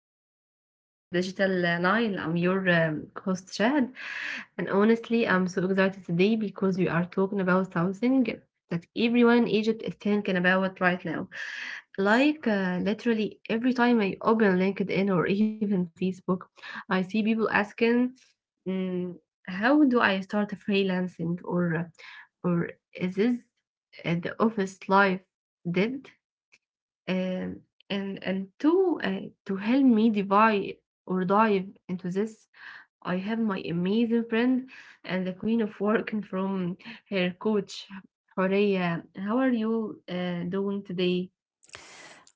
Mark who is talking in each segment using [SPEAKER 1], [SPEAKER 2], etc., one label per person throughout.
[SPEAKER 1] episode of the Digital Nile. I'm your host Shahad, and honestly, I'm so excited today because we are talking about something that everyone in Egypt is thinking about right now. Like literally every time I open LinkedIn or even Facebook, I see people asking, mm, "How do I start a freelancing?" "Or is this the office life dead?" Um, and to help me divide or dive into this, I have my amazing friend and the queen of working from her coach, Horea. How are you doing today?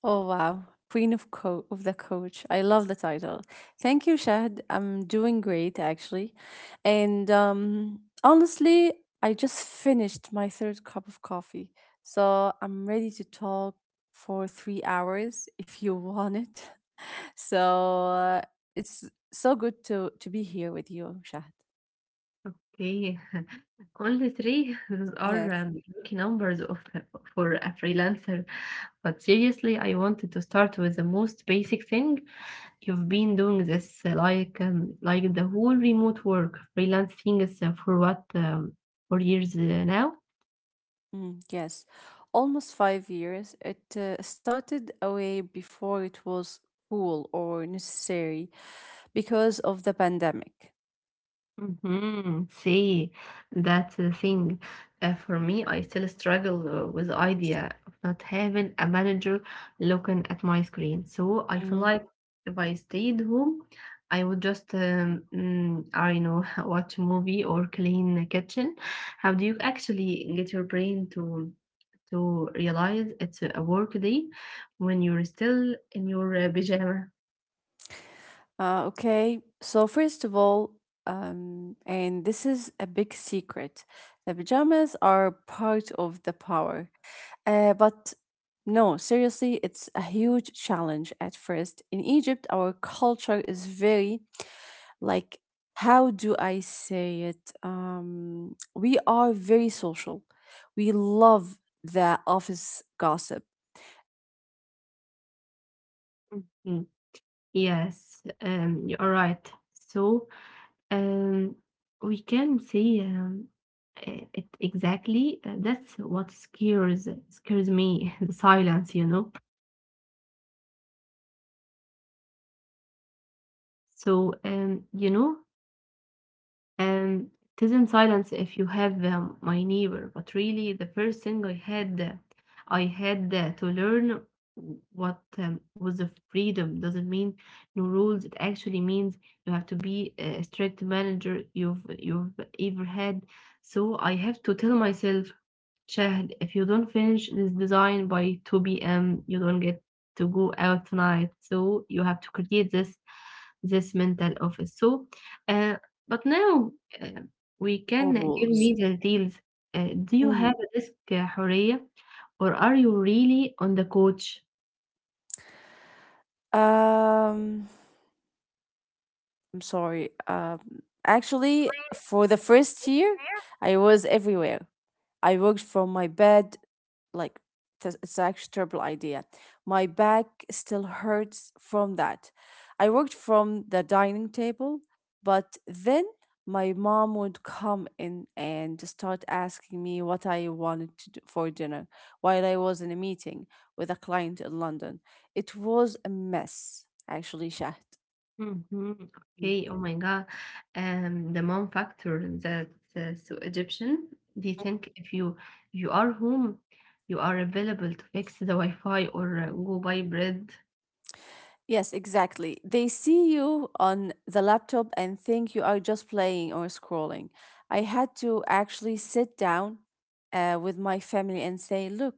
[SPEAKER 2] Oh wow, Queen of Co- of the Coach. I love the title. Thank you, Shahd. I'm doing great actually. And honestly, I just finished my third cup of coffee. So I'm ready to talk for 3 hours if you want it. So uh, it's so good to be here with you, Shahd.
[SPEAKER 1] Okay, only three. Those are
[SPEAKER 2] Yes.
[SPEAKER 1] lucky numbers of for a freelancer. But seriously, I wanted to start with the most basic thing. You've been doing this like the whole remote work freelance thing is for what for years now?
[SPEAKER 2] Mm, yes, almost 5 years. It started away before it was cool or necessary. Because of the pandemic.
[SPEAKER 1] See, that's the thing. For me, I still struggle with the idea of not having a manager looking at my screen. So I feel
[SPEAKER 2] Mm-hmm.
[SPEAKER 1] like if I stayed home, I would just I don't know, watch a movie or clean the kitchen. How do you actually get your brain to? To realize it's a work day when you're still in your pajama.
[SPEAKER 2] Okay, so first of all, and this is a big secret, the pajamas are part of the power. But no, seriously, it's a huge challenge at first. In Egypt, our culture is very, like, how do I say it? We are very social. We love the office gossip, the morning tea with colleagues,
[SPEAKER 1] Mhm.
[SPEAKER 2] and the
[SPEAKER 1] Yes,
[SPEAKER 2] complaining
[SPEAKER 1] you
[SPEAKER 2] about
[SPEAKER 1] are
[SPEAKER 2] the
[SPEAKER 1] right.
[SPEAKER 2] traffic on the
[SPEAKER 1] So,
[SPEAKER 2] ring road
[SPEAKER 1] um,
[SPEAKER 2] when you
[SPEAKER 1] we can
[SPEAKER 2] when you
[SPEAKER 1] say
[SPEAKER 2] take all of that
[SPEAKER 1] it
[SPEAKER 2] away, it's just
[SPEAKER 1] exactly.
[SPEAKER 2] you
[SPEAKER 1] That's
[SPEAKER 2] and the
[SPEAKER 1] what
[SPEAKER 2] laptop.
[SPEAKER 1] scares me, the silence, you know.
[SPEAKER 2] Mhm.
[SPEAKER 1] So,
[SPEAKER 2] Yes, Shahd.
[SPEAKER 1] Um, it isn't silence if you have my neighbor, but really the first thing
[SPEAKER 2] and
[SPEAKER 1] I had
[SPEAKER 2] actually
[SPEAKER 1] to learn what was the
[SPEAKER 2] um,
[SPEAKER 1] freedom doesn't mean no rules. It
[SPEAKER 2] um,
[SPEAKER 1] actually means you have
[SPEAKER 2] and
[SPEAKER 1] to be a
[SPEAKER 2] actually
[SPEAKER 1] strict manager
[SPEAKER 2] that's
[SPEAKER 1] you've
[SPEAKER 2] what
[SPEAKER 1] ever
[SPEAKER 2] scares
[SPEAKER 1] had.
[SPEAKER 2] me, the
[SPEAKER 1] So
[SPEAKER 2] silence.
[SPEAKER 1] I have to tell
[SPEAKER 2] it's not
[SPEAKER 1] myself,
[SPEAKER 2] just the silence
[SPEAKER 1] Shahd, if
[SPEAKER 2] if
[SPEAKER 1] you
[SPEAKER 2] you
[SPEAKER 1] don't
[SPEAKER 2] have
[SPEAKER 1] finish this design by
[SPEAKER 2] if
[SPEAKER 1] 2
[SPEAKER 2] you have my
[SPEAKER 1] p.m., you don't
[SPEAKER 2] neighbors.
[SPEAKER 1] get to
[SPEAKER 2] But
[SPEAKER 1] go out
[SPEAKER 2] really,
[SPEAKER 1] tonight.
[SPEAKER 2] the
[SPEAKER 1] So you have to
[SPEAKER 2] first thing
[SPEAKER 1] create
[SPEAKER 2] I
[SPEAKER 1] this
[SPEAKER 2] had to
[SPEAKER 1] this
[SPEAKER 2] learn
[SPEAKER 1] mental office. So,
[SPEAKER 2] was
[SPEAKER 1] uh,
[SPEAKER 2] that
[SPEAKER 1] but now
[SPEAKER 2] freedom
[SPEAKER 1] uh,
[SPEAKER 2] doesn't
[SPEAKER 1] we
[SPEAKER 2] mean no
[SPEAKER 1] can give
[SPEAKER 2] rules.
[SPEAKER 1] me the deals. Do you
[SPEAKER 2] Mhm.
[SPEAKER 1] have a desk حرية, or are you really on the coach?
[SPEAKER 2] um I'm sorry, actually, for the first year I was everywhere. I worked from my bed, like, it's actually terrible idea. My back still hurts from that. I worked from the dining table, but then my mom would come in and start asking me what I wanted to do for dinner while I was in a meeting with a client in London. It was a mess, actually, Shahd.
[SPEAKER 1] Mhm. Okay, oh my God. The mom factor that so Egyptian, they think if you you are home, you are available to fix the Wi-Fi or go buy bread.
[SPEAKER 2] Yes, exactly. They see you on the laptop and think you are just playing or scrolling. I had to actually sit down with my family and say, look,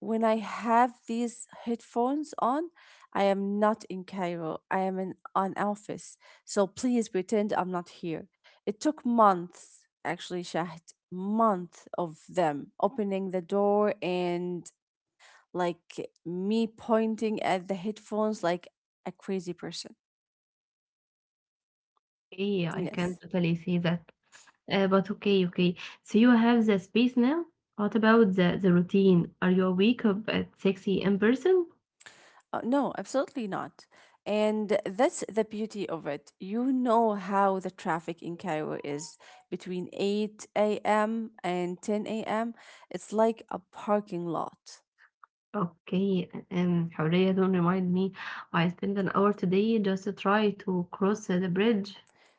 [SPEAKER 2] when I have these headphones on, I am not in Cairo. I am in an office. So please pretend I'm not here. It took months, actually, Shahd, months of them opening the door and like me pointing at the headphones like a crazy person.
[SPEAKER 1] Okay, I can
[SPEAKER 2] Yes.
[SPEAKER 1] totally see that. But okay. So you have the space now. What about the routine? Are you awake up at 6 a.m. person?
[SPEAKER 2] No, absolutely not. And that's the beauty of it. You know how the traffic in Cairo is between 8 a.m. and 10 a.m. It's like a parking lot.
[SPEAKER 1] Okay, Hurriya, don't remind me. I spent an hour today just to try to cross the bridge.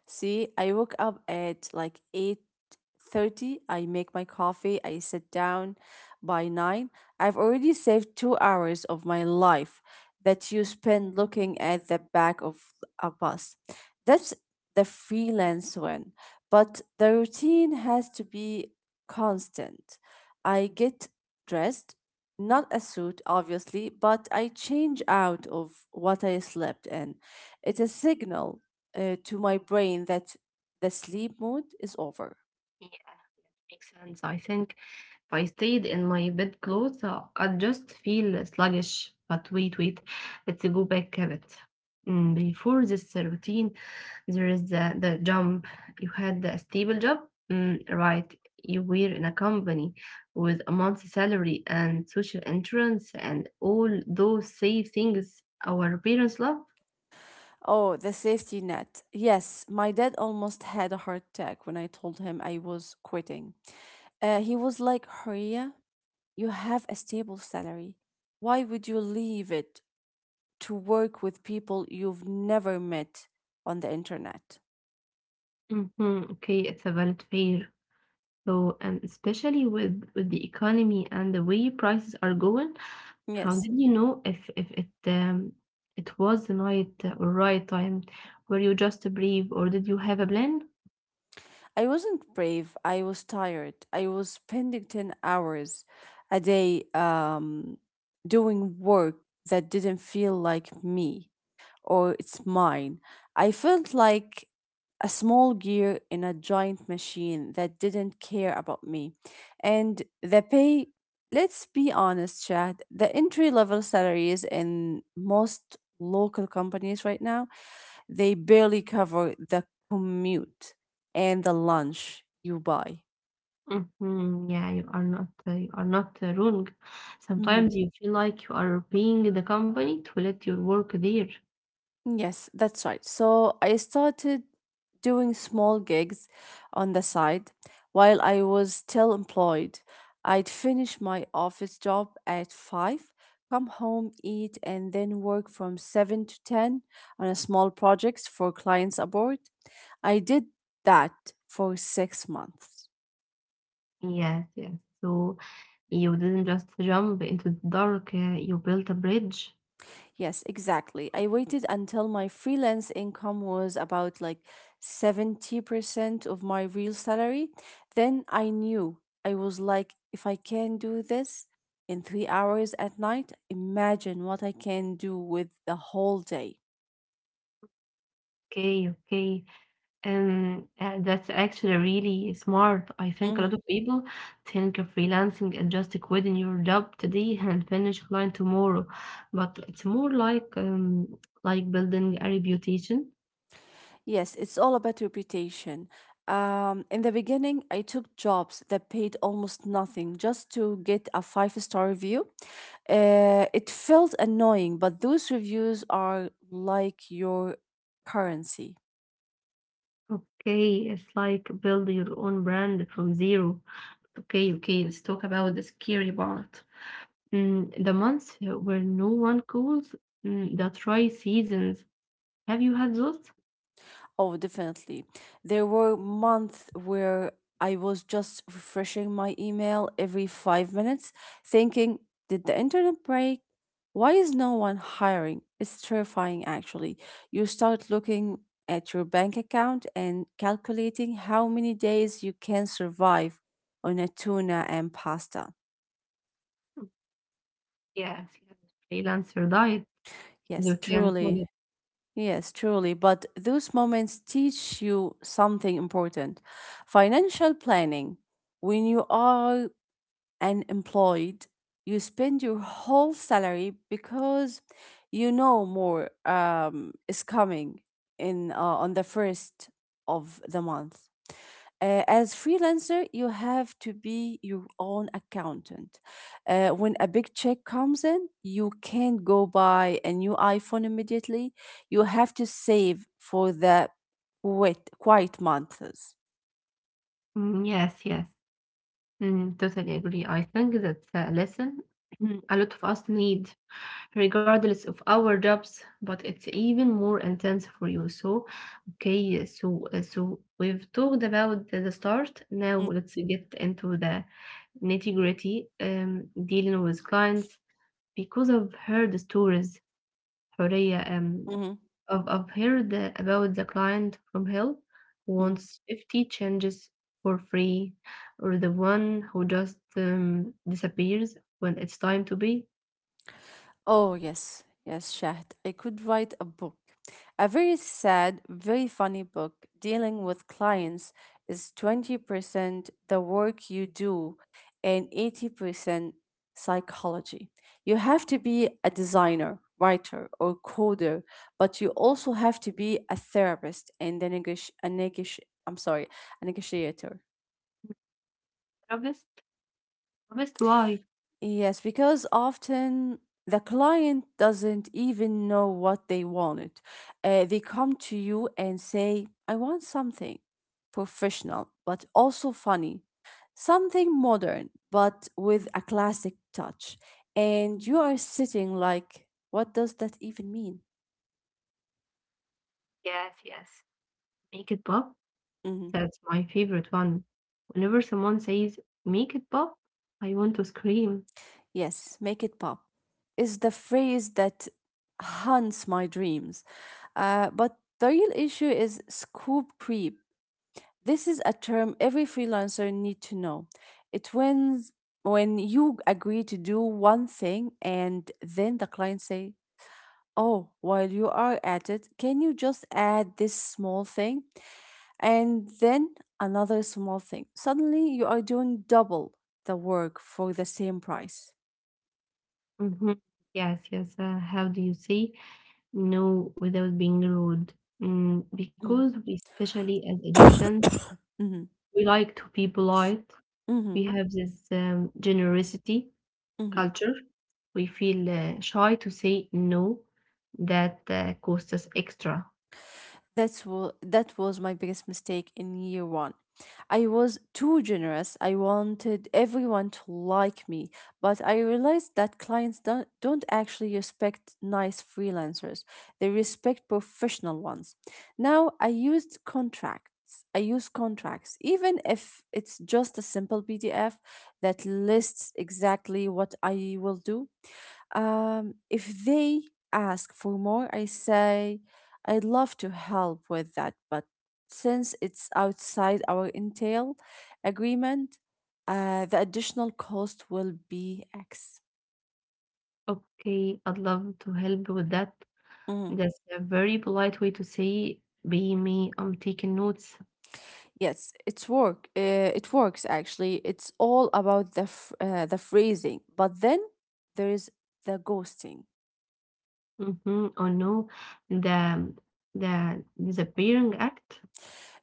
[SPEAKER 2] See, I woke up at like 8:30. I make my coffee. I sit down by 9. I've already saved 2 hours of my life that you spend looking at the back of a bus. That's the freelance one. But the routine has to be constant. I get dressed, not a suit obviously, but I change out of what I slept in. It's a signal to my brain that the sleep mode is over.
[SPEAKER 1] Makes sense. I think if I stayed in my bed clothes, I'd just feel sluggish. But wait, wait, let's go back a bit. Before this routine, there is the jump. You had a stable job, right? You were in a company with a month's salary and social insurance and all those safe things our parents love.
[SPEAKER 2] Oh, the safety net. Yes, my dad almost had a heart attack when I told him I was quitting. He was like, Horia, you have a stable salary. Why would you leave it to work with people you've never met on the internet?
[SPEAKER 1] Mhm, Okay, it's a valid fear. So, and especially with the economy and the way prices are going, how
[SPEAKER 2] Yes.
[SPEAKER 1] did you know if it it was the night or right time? Were you just brave, or did you have a plan?
[SPEAKER 2] I wasn't brave. I was tired. I was spending 10 hours a day doing work that didn't feel like me or it's mine. I felt like a small gear in a giant machine that didn't care about me. And the pay, let's be honest, Chad, the entry level salaries in most local companies right now, they barely cover the commute and the lunch you buy.
[SPEAKER 1] Mhm, Yeah, you are not wrong.
[SPEAKER 2] Hmm
[SPEAKER 1] Sometimes you feel like you are paying the company to let your work there.
[SPEAKER 2] Yes, that's right. So I started doing small gigs on the side while I was still employed. I'd finish my office job at 5, come home, eat, and then work from 7 to 10 on a small projects for clients abroad. I did that for 6 months.
[SPEAKER 1] Yes, yes. So you didn't just jump into the dark. You built a bridge.
[SPEAKER 2] Yes, exactly. I waited until my freelance income was about like 70% of my real salary. Then I knew. I was like, if I can do this in 3 hours at night, imagine what I can do with the whole day.
[SPEAKER 1] Okay, okay. That's actually really smart. I think a lot
[SPEAKER 2] Mhm.
[SPEAKER 1] of people think of freelancing and just quitting your job today and finish client tomorrow, but it's more like building a reputation.
[SPEAKER 2] Yes, it's all about reputation. In the beginning, I took jobs that paid almost nothing just to get a five-star review. It felt annoying, but those reviews are like your currency.
[SPEAKER 1] Okay, it's like build your own brand from zero. Okay, okay, let's talk about the scary part. The months where no one calls, the dry seasons. Have you had those?
[SPEAKER 2] Oh, definitely. There were months where I was just refreshing my email every 5 minutes, thinking, did the internet break? Why is no one hiring? It's terrifying, actually. You start looking at your bank account and calculating how many days you can survive on a tuna and pasta.
[SPEAKER 1] Yes, yes. Freelancer diet.
[SPEAKER 2] Yes,
[SPEAKER 1] You can call.
[SPEAKER 2] truly. Yes, truly. But those moments teach you something important. Financial planning. When you are unemployed, you spend your whole salary because you know more is coming in on the first of the month. As freelancer, you have to be your own accountant. When a big check comes in, you can't go buy a new iPhone immediately. You have to save for the wait quiet months.
[SPEAKER 1] Yes, yes. Totally agree. I think that's a lesson a lot of us need, regardless of our jobs, but it's even more intense for you. So, okay, so so we've talked about the start. Now let's get into the nitty-gritty, dealing with clients because I've heard stories, Horea,
[SPEAKER 2] Mm-hmm.
[SPEAKER 1] I've heard that about the client from hell who wants 50 changes for free, or the one who just disappears when it's time to be
[SPEAKER 2] Oh, yes, yes, Shahd. I could write a book. A very sad, very funny book. Dealing with clients is 20% the work you do and 80% psychology. You have to be a designer, writer, or coder, but you also have to be a therapist and a negoti- a negoti- I'm sorry, a negotiator.
[SPEAKER 1] therapist. Therapist, why?
[SPEAKER 2] Yes, because often the client doesn't even know what they wanted. They come to you and say, I want something professional, but also funny, something modern, but with a classic touch. And you are sitting like, what does that even mean?
[SPEAKER 1] Yes, yes. Make it pop.
[SPEAKER 2] Mhm.
[SPEAKER 1] That's my favorite one. Whenever someone says make it pop, I want to scream.
[SPEAKER 2] Yes, make it pop is the phrase that haunts my dreams. But the real issue is scoop creep. This is a term every freelancer need to know. It wins when you agree to do one thing and then the client say, "Oh, while you are at it, can you just add this small thing and then another small thing?" Suddenly you are doing double the work for the same price.
[SPEAKER 1] hmm Yes, yes. How do you say no without being rude? Because
[SPEAKER 2] Mm.
[SPEAKER 1] we, especially as Egyptians,
[SPEAKER 2] Mhm,
[SPEAKER 1] we like to be polite.
[SPEAKER 2] mhm,
[SPEAKER 1] We have this generosity
[SPEAKER 2] mhm.
[SPEAKER 1] culture. We feel shy to say no, that costs us extra.
[SPEAKER 2] That was my biggest mistake in year one. I was too generous. I wanted everyone to like me, but I realized that clients don't actually respect nice freelancers. They respect professional ones. Now I used contracts. I use contracts, even if it's just a simple PDF that lists exactly what I will do. If they ask for more, I say, I'd love to help with that, but since it's outside our entail agreement, the additional cost will be X.
[SPEAKER 1] Okay, I'd love to help with that.
[SPEAKER 2] Mhm.
[SPEAKER 1] That's a very polite way to say, be me, I'm taking notes.
[SPEAKER 2] It works actually. It's all about the the phrasing, but then there is the ghosting.
[SPEAKER 1] Mm-hmm, or no, the um, the disappearing act.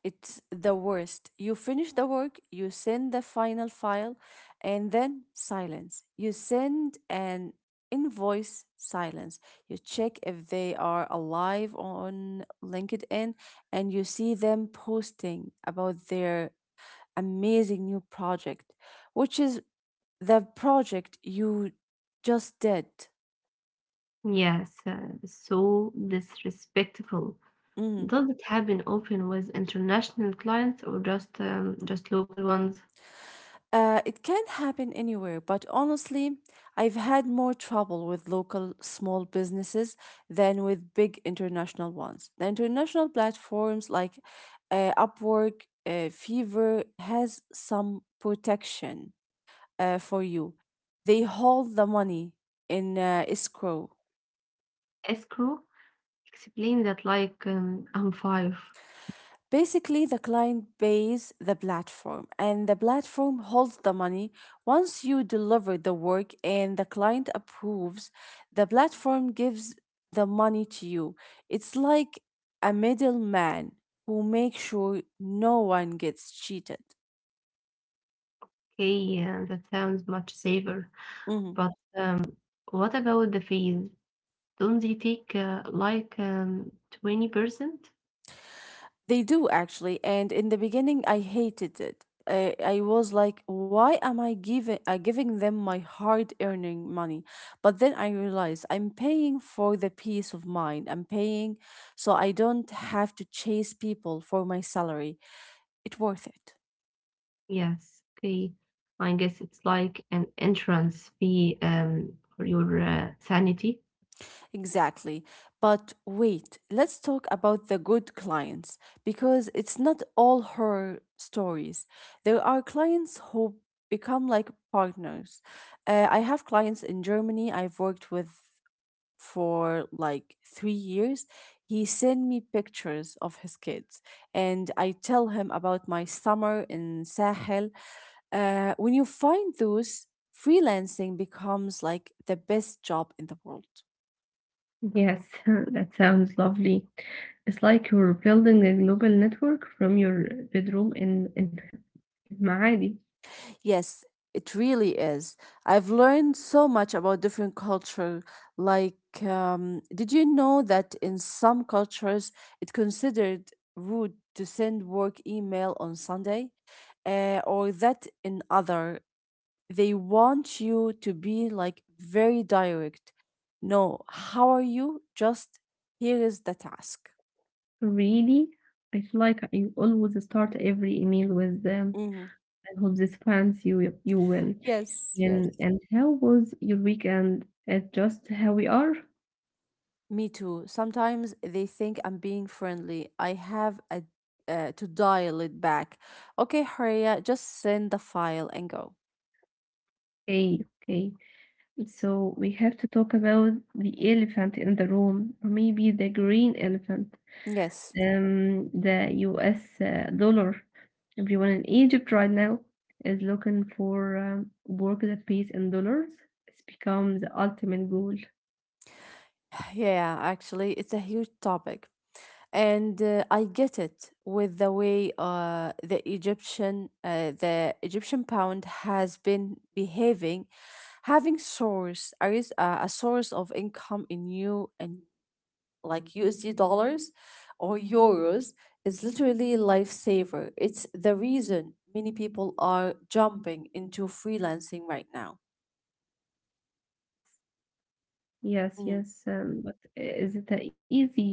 [SPEAKER 2] It's the worst. You finish the work, you send the final file, and then silence. You send an invoice, silence. You check if they are alive on LinkedIn, and you see them posting about their amazing new project, which is the project you just did.
[SPEAKER 1] Yes, so disrespectful.
[SPEAKER 2] Mhm.
[SPEAKER 1] Does it happen often with international clients or just local ones?
[SPEAKER 2] It can happen anywhere, but honestly, I've had more trouble with local small businesses than with big international ones. The international platforms like Upwork, Fiverr has some protection for you. They hold the money in escrow.
[SPEAKER 1] Escrow, explain that like I'm five.
[SPEAKER 2] Basically, the client pays the platform and the platform holds the money. Once you deliver the work and the client approves, the platform gives the money to you. It's like a middleman who makes sure no one gets cheated.
[SPEAKER 1] Okay, and that sounds much safer.
[SPEAKER 2] Mhm.
[SPEAKER 1] But um, what about the fees? Don't they take 20%?
[SPEAKER 2] They do actually, and in the beginning, I hated it. I was like, why am I giving them my hard-earning money? But then I realized I'm paying for the peace of mind. I'm paying so I don't have to chase people for my salary. It's worth it.
[SPEAKER 1] Yes, okay. I guess it's like an entrance fee for your sanity.
[SPEAKER 2] Exactly. But wait, let's talk about the good clients because it's not all horror stories. There are clients who become like partners. I have clients in Germany I've worked with for like 3 years. He sent me pictures of his kids, and I tell him about my summer in Sahel. When you find those, freelancing becomes like the best job in the world.
[SPEAKER 1] Yes, that sounds lovely. It's like you're building a global network from your bedroom in Maadi.
[SPEAKER 2] Yes, it really is. I've learned so much about different culture. Like, did you know that in some cultures it considered rude to send work email on Sunday, or that in other they want you to be like very direct. No, how are you? Just here is the task.
[SPEAKER 1] Really, I feel like I always start every email with
[SPEAKER 2] Hmm
[SPEAKER 1] I hope this finds you you will.
[SPEAKER 2] Yes, yes.
[SPEAKER 1] And how was your weekend? It's just how we are.
[SPEAKER 2] Me too. Sometimes they think I'm being friendly. I have a, to dial it back. Okay, Haria, just send the file and go.
[SPEAKER 1] Okay, okay. So we have to talk about the elephant in the room, or maybe the green elephant.
[SPEAKER 2] Yes.
[SPEAKER 1] The US dollar. Everyone in Egypt right now is looking for work that pays in dollars. It's become the ultimate goal.
[SPEAKER 2] Yeah, actually, it's a huge topic. And I get it. With the way the Egyptian pound has been behaving, having a source of income in you and like USD dollars or euros is literally a lifesaver. It's the reason many people are jumping into freelancing right now.
[SPEAKER 1] Yes,
[SPEAKER 2] Mm.
[SPEAKER 1] yes. But is it a easy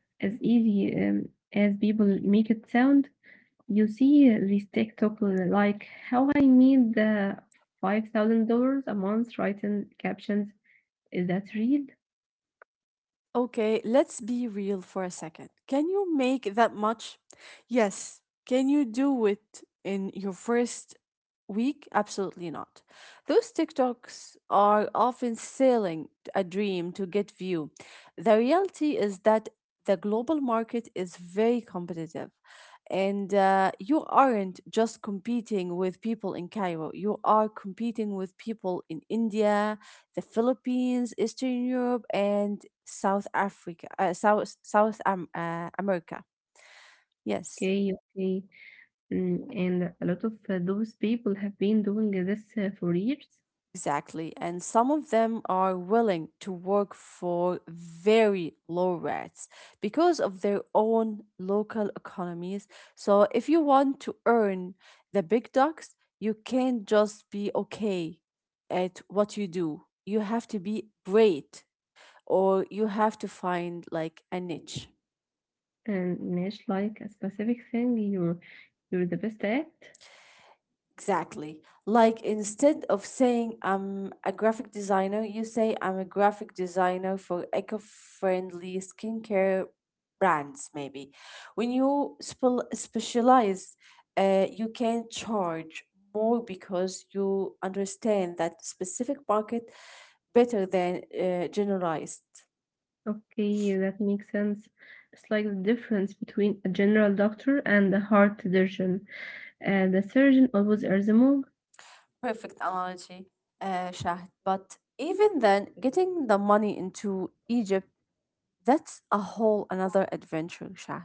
[SPEAKER 1] as easy as people make it sound? You see these TikTok like how I need the $5,000 a month writing captions. Is that real?
[SPEAKER 2] Okay, let's be real for a second. Can you make that much? Yes. Can you do it in your first week? Absolutely not. Those TikToks are often selling a dream to get view. The reality is that the global market is very competitive. And You aren't just competing with people in Cairo, you are competing with people in India, the Philippines, Eastern Europe, and South Africa, South South America. Yes,
[SPEAKER 1] Okay, okay. And a lot of those people have been doing this for years.
[SPEAKER 2] exactly. And some of them are willing to work for very low rates because of their own local economies. So if you want to earn the big bucks, you can't just be okay at what you do. You have to be great, or you have to find like a niche.
[SPEAKER 1] And Nash, like a specific thing you're the best at.
[SPEAKER 2] Exactly. Like instead of saying I'm a graphic designer, you say I'm a graphic designer for eco-friendly skincare brands, maybe. When you specialize, you can charge more because you understand that specific market better than generalized.
[SPEAKER 1] Okay, that makes sense. It's like the difference between a general doctor and a heart surgeon. The surgeon always earns more.
[SPEAKER 2] Perfect analogy, Shahd. But even then, getting the money into Egypt, that's a whole another adventure, Shah.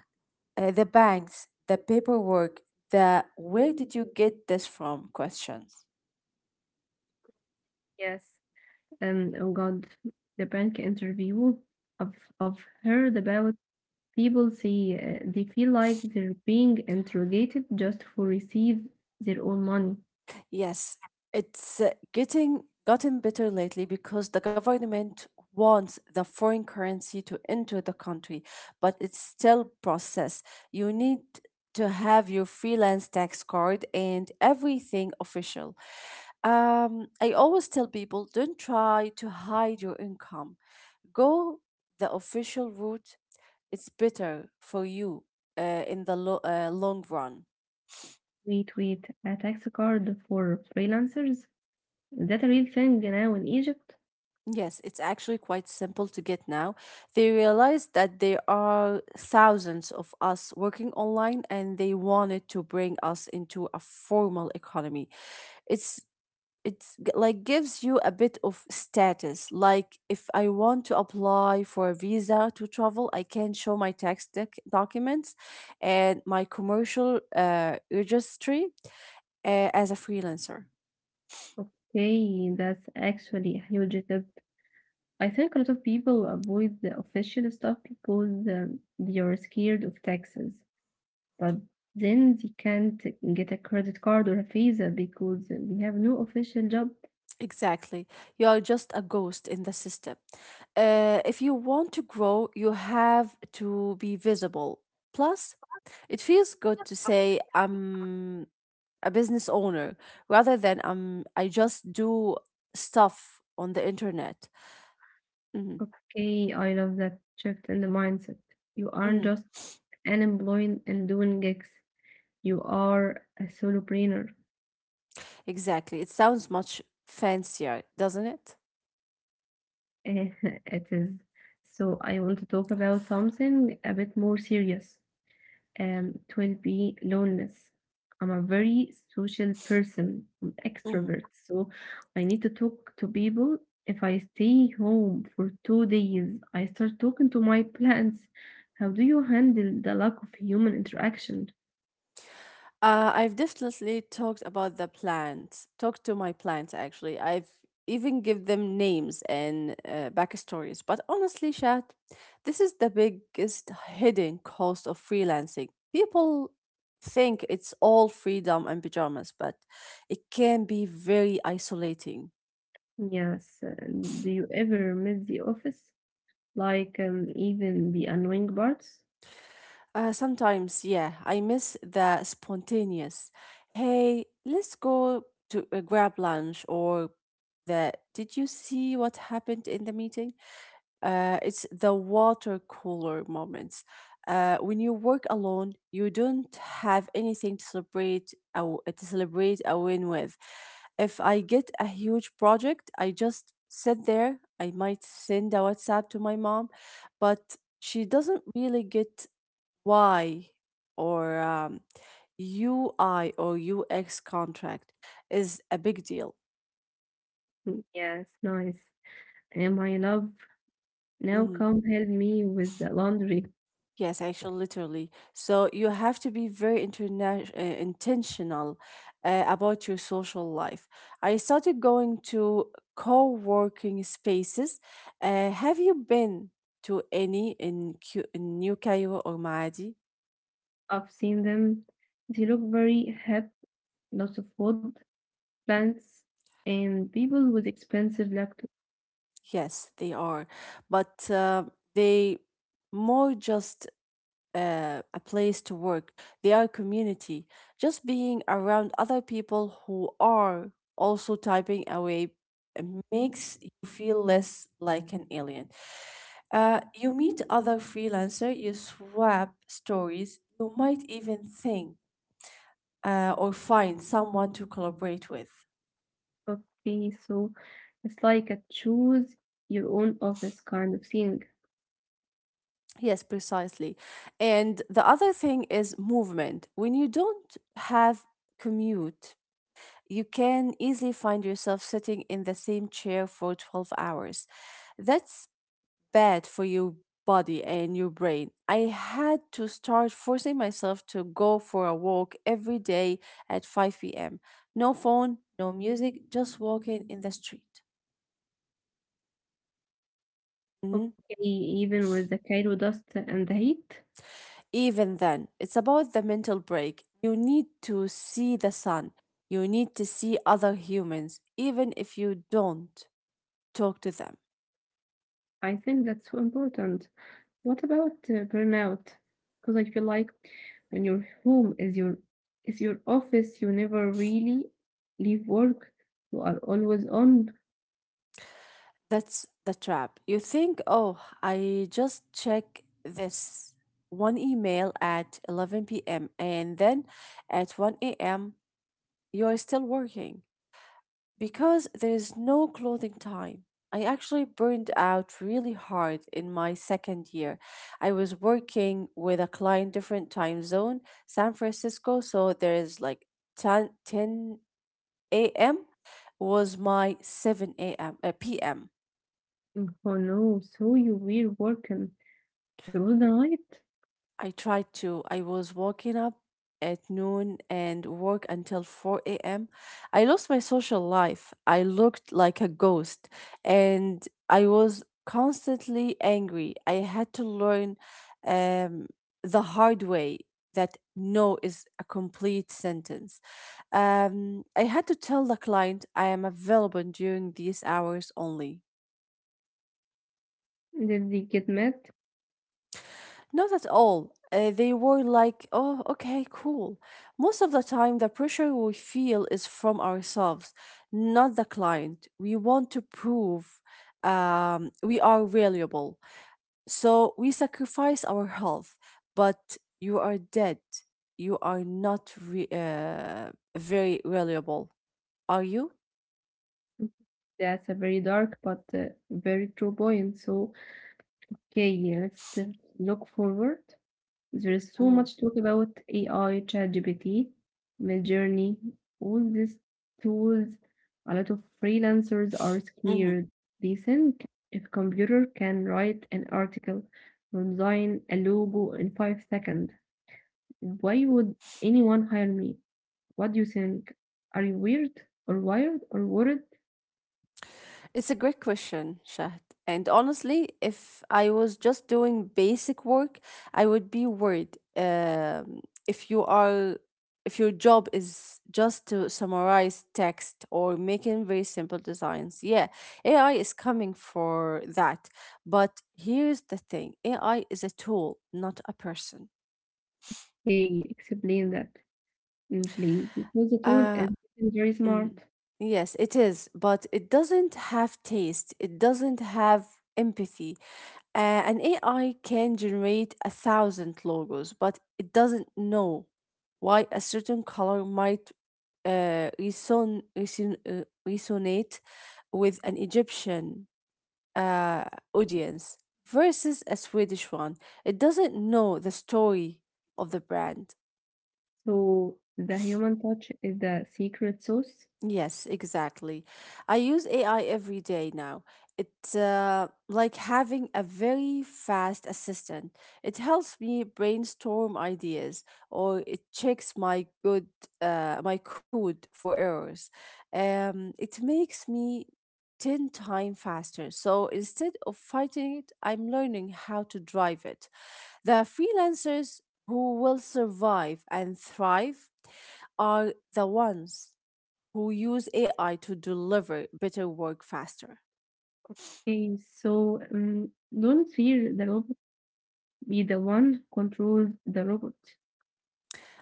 [SPEAKER 2] The banks, the paperwork, the where did you get this from questions.
[SPEAKER 1] Yes. Oh God, the bank interview. I've heard about people say they feel like they're being interrogated just for receive their own money.
[SPEAKER 2] Yes, it's getting gotten better lately because the government wants the foreign currency to enter the country, but it's still process. You need to have your freelance tax card and everything official. I always tell people don't try to hide your income. Go the official route. It's better for you in the long run.
[SPEAKER 1] Wait, wait, a tax card for freelancers? Is that a real thing now in Egypt?
[SPEAKER 2] Yes, it's actually quite simple to get now. They realize that there are thousands of us working online and they wanted to bring us into a formal economy. It's it's g- like gives you a bit of status. Like if I want to apply for a visa to travel, I can show my documents and my commercial registry as a freelancer.
[SPEAKER 1] Okay, that's actually a huge tip. I think a lot of people avoid the official stuff because they are scared of taxes, but then they can't get a credit card or a visa because they have no official job.
[SPEAKER 2] Exactly, you are just a ghost in the system. If you want to grow, you have to be visible. Plus it feels good to say I'm a business owner rather than I just do stuff on the internet. Hmm.
[SPEAKER 1] Okay, I love that shift in the mindset. You aren't
[SPEAKER 2] Hmm.
[SPEAKER 1] just unemployed and doing gigs. You are a solopreneur.
[SPEAKER 2] Exactly. It sounds much fancier, doesn't
[SPEAKER 1] It is. So I want to talk about something a bit more serious, it will be loneliness. I'm a very social person. I'm
[SPEAKER 2] it?
[SPEAKER 1] extrovert, so I need to talk to people. If I stay home for 2 days, I start talking to my plants. How do you handle the lack of human interaction?
[SPEAKER 2] I've definitely talked to my plants actually. I've even give them names and backstories. But honestly, Chat, this is the biggest hidden cost of freelancing. People think it's all freedom and pajamas, but it can be very isolating.
[SPEAKER 1] Yes, do you ever miss the office? Like even the annoying parts?
[SPEAKER 2] Sometimes, yeah, I miss the spontaneous. Hey, let's go to grab lunch, or the did you see what happened in the meeting? It's the water cooler moments. When you work alone, you don't have anything to celebrate a win with. If I get a huge project, I just sit there. I might send a WhatsApp to my mom, but she doesn't really get Y or UI or UX contract is a big deal.
[SPEAKER 1] Yes, nice. And my love, now
[SPEAKER 2] Mhm.
[SPEAKER 1] come help me with the laundry.
[SPEAKER 2] Yes, actually, literally. So you have to be very intentional about your social life. I started going to co working spaces. Have you been to any in New Cairo or Maadi?
[SPEAKER 1] I've seen them. They look very hip, lots of wood, plants, and people with expensive laptops.
[SPEAKER 2] Yes, they are. But they more just a place to work. They are community. Just being around other people who are also typing away makes you feel less like an alien. You meet other freelancer, you swap stories, you might even think or find someone to collaborate with.
[SPEAKER 1] Okay, so it's like a choose your own office kind of thing.
[SPEAKER 2] Yes, precisely. And the other thing is movement. When you don't have commute, you can easily find yourself sitting in the same chair for 12 hours. That's bad for your body and your brain. I had to start forcing myself to go for a walk every day at 5 p.m. No phone, no music, just walking in the street. Mhm.
[SPEAKER 1] Okay, even with the Cairo dust and the heat,
[SPEAKER 2] Even then, it's about the mental break. You need to see the sun. You need to see other humans, even if you don't talk to them.
[SPEAKER 1] I think that's so important. What about burnout? Because I feel like when your home is your office, you never really leave work. You are always on.
[SPEAKER 2] That's the trap. You think, oh, I just check this one email at 11 p.m., and then at 1 a.m. you are still working because there is no clothing time. I actually burned out really hard in my second year. I was working with a client different time zone, San Francisco, so there is like ten a.m. was my 7 a.m. P.m.
[SPEAKER 1] Oh no, so you were working through the night?
[SPEAKER 2] I tried to. I was waking up at noon and work until 4 a.m. I lost my social life. I looked like a ghost and I was constantly angry. I had to learn um, the hard way that no is a complete sentence. I had to tell the client I am available during these hours only.
[SPEAKER 1] Did they get mad?
[SPEAKER 2] Not at all. They were like, oh, okay, cool. Most of the time, the pressure we feel is from ourselves, not the client. We want to prove we are valuable. So we sacrifice our health, but you are dead. You are not very valuable, are you?
[SPEAKER 1] That's a very dark but very true point. So, okay, yeah, let's look forward. There is so
[SPEAKER 2] Mm-hmm.
[SPEAKER 1] much talk about AI, ChatGPT, Midjourney, all these tools. A lot of freelancers are
[SPEAKER 2] Mm-hmm.
[SPEAKER 1] scared. They think if computer can write an article or design a logo in five seconds, why would anyone hire me? What do you think? Are you weird or wired or worried?
[SPEAKER 2] It's a great question, Shahd. And honestly, if I was just doing basic work, I would be worried. If you are, if your job is just to summarize text or making very simple designs, yeah, AI is coming for that. But here's the thing: AI is a tool, not a person.
[SPEAKER 1] Hey, explain that, please, because the tool
[SPEAKER 2] Uh,
[SPEAKER 1] is getting very
[SPEAKER 2] mm.
[SPEAKER 1] smart.
[SPEAKER 2] Yes, it is, but it doesn't have taste. It doesn't have empathy. Uh, an AI can generate a thousand logos, but it doesn't know why a certain color might resonate with an Egyptian uh, audience versus a Swedish one. It doesn't know the story of the brand.
[SPEAKER 1] So the human touch is the secret sauce.
[SPEAKER 2] Yes, exactly. I use AI every day now. It's like having a very fast assistant. It helps me brainstorm ideas, or it checks my code for errors. It makes me ten times faster. So instead of fighting it, I'm learning how to drive it. The freelancers who will survive and thrive are the ones who use AI to deliver better work faster.
[SPEAKER 1] Hey, so don't fear the robot. Be the one control the robot.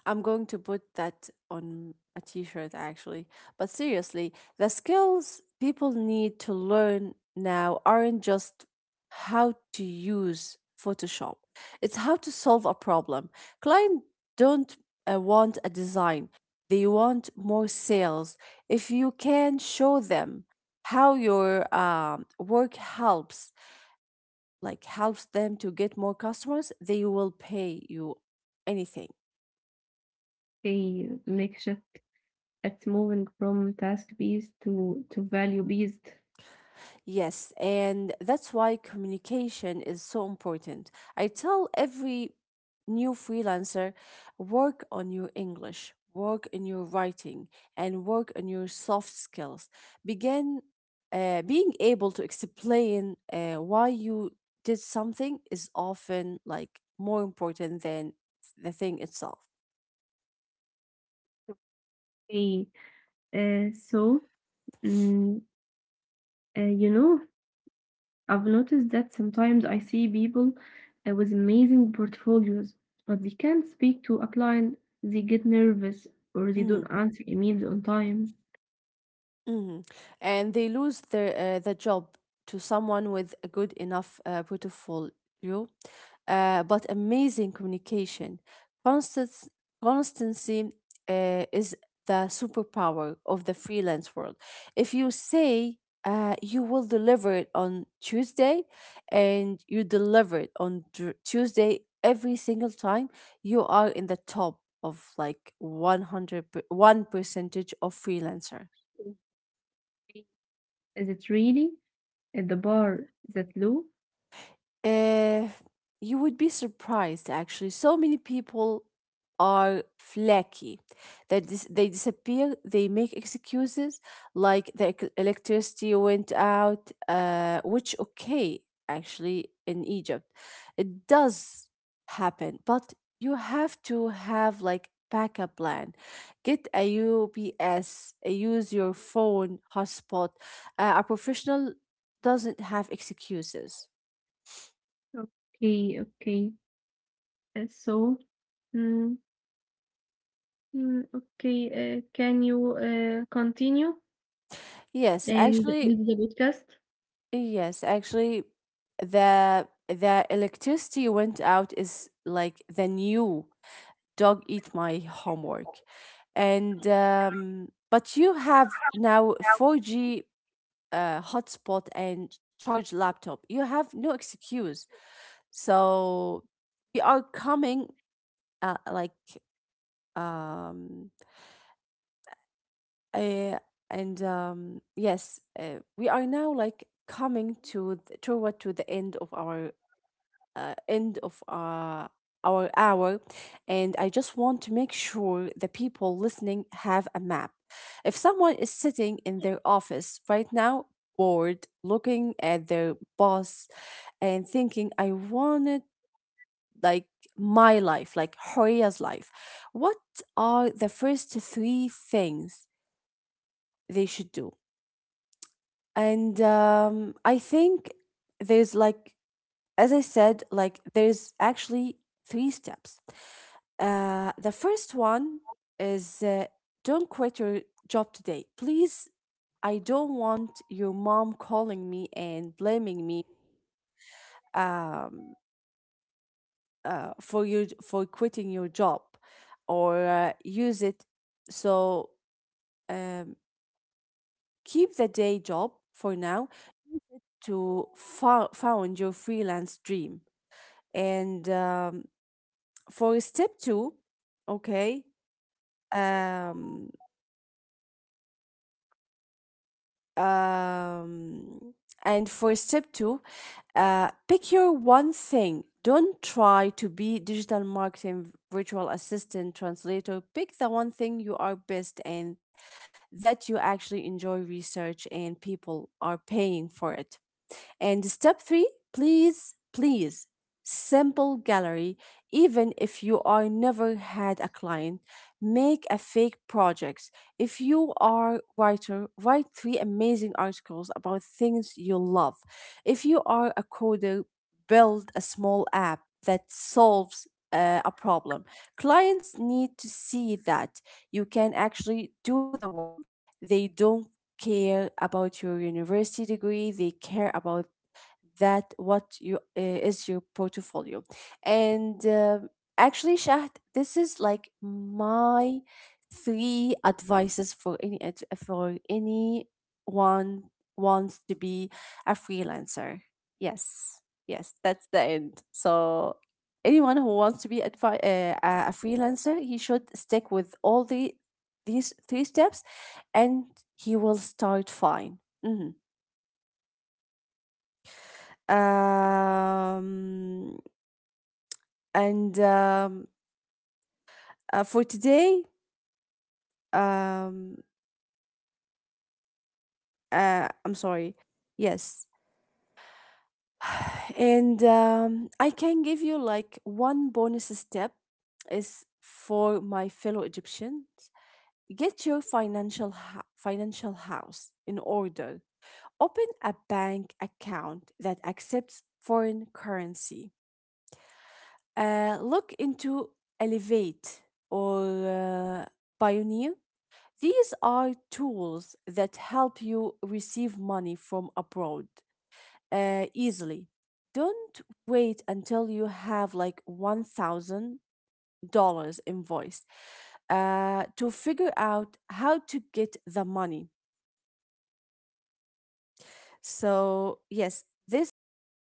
[SPEAKER 2] I'm going to put that on a t shirt actually. But seriously, the skills people need to learn now aren't just how to use Photoshop, it's how to solve a problem. Clients don't want a design, they want more sales. If you can show them how your work helps like helps them to get more customers, they will pay you anything.
[SPEAKER 1] Hey, make shift. It's moving from task based to value based.
[SPEAKER 2] Yes, and that's why communication is so important. I tell every new freelancer work on your English, work in your writing, and work on your soft skills. Begin Being able to explain why you did something is often like more important than the thing itself.
[SPEAKER 1] Hey, uh, so mm, you know I've noticed that sometimes I see people with amazing portfolios, but they can't speak to a client, they get nervous, or they
[SPEAKER 2] Mhm.
[SPEAKER 1] don't answer emails on time.
[SPEAKER 2] Mhm. And they lose their the job to someone with a good enough portfolio, but amazing communication. Constance, Constancy is the superpower of the freelance world. If you say you will deliver it on Tuesday, and you deliver it on Tuesday every single time, you are in the top of like 101 percentage of freelancer.
[SPEAKER 1] Is it really at the bar that low?
[SPEAKER 2] Uh, you would be surprised actually. So many people are flaky. They disappear, they make excuses like the electricity went out, which okay, actually in Egypt. It does happen, but you have to have like backup plan. Get a UPS, use your phone hotspot. A professional doesn't have excuses. Yes, actually, yes, actually, the electricity went out is like the new dog eat my homework, and but you have now four G hotspot and charge laptop. You have no excuse. So we are coming like um Uh, and Yes, we are now like coming toward to the end of our hour, and I just want to make sure the people listening have a map. If someone is sitting in their office right now, bored, looking at their boss, and thinking, "I wanted like my life, like Horia's life," what are the first three things they should do? And I think there's like, as I said, like there's actually three steps. The first one is don't quit your job today. Please, I don't want your mom calling me and blaming me um, for quitting your job or use it so um, keep the day job for now. Use it to found your freelance dream. And for step two, okay. Um, um, and for step two, pick your one thing. Don't try to be digital marketing, virtual assistant, translator. Pick the one thing you are best and that you actually enjoy research and people are paying for it. And step three, please, please, simple gallery. Even if you are never had a client, make a fake projects. If you are writer, write three amazing articles about things you love. If you are a coder, build a small app that solves a problem. Clients need to see that you can actually do the work. They don't care about your university degree, they care about that what you is your portfolio. And Actually Shahd, this is like my three advices for for anyone wants to be a freelancer. Yes, yes, that's the end. So anyone who wants to be a freelancer, he should stick with all the these three steps, and he will start fine. Mhm. um And For today, um, I'm sorry. Yes. And I can give you like one bonus step is for my fellow Egyptians. Get your financial house in order. Open a bank account that accepts foreign currency. Look into Elevate or uh, Pioneer. These are tools that help you receive money from abroad easily. Don't wait until you have like $1,000 invoice to figure out how to get the money. So, yes, this is my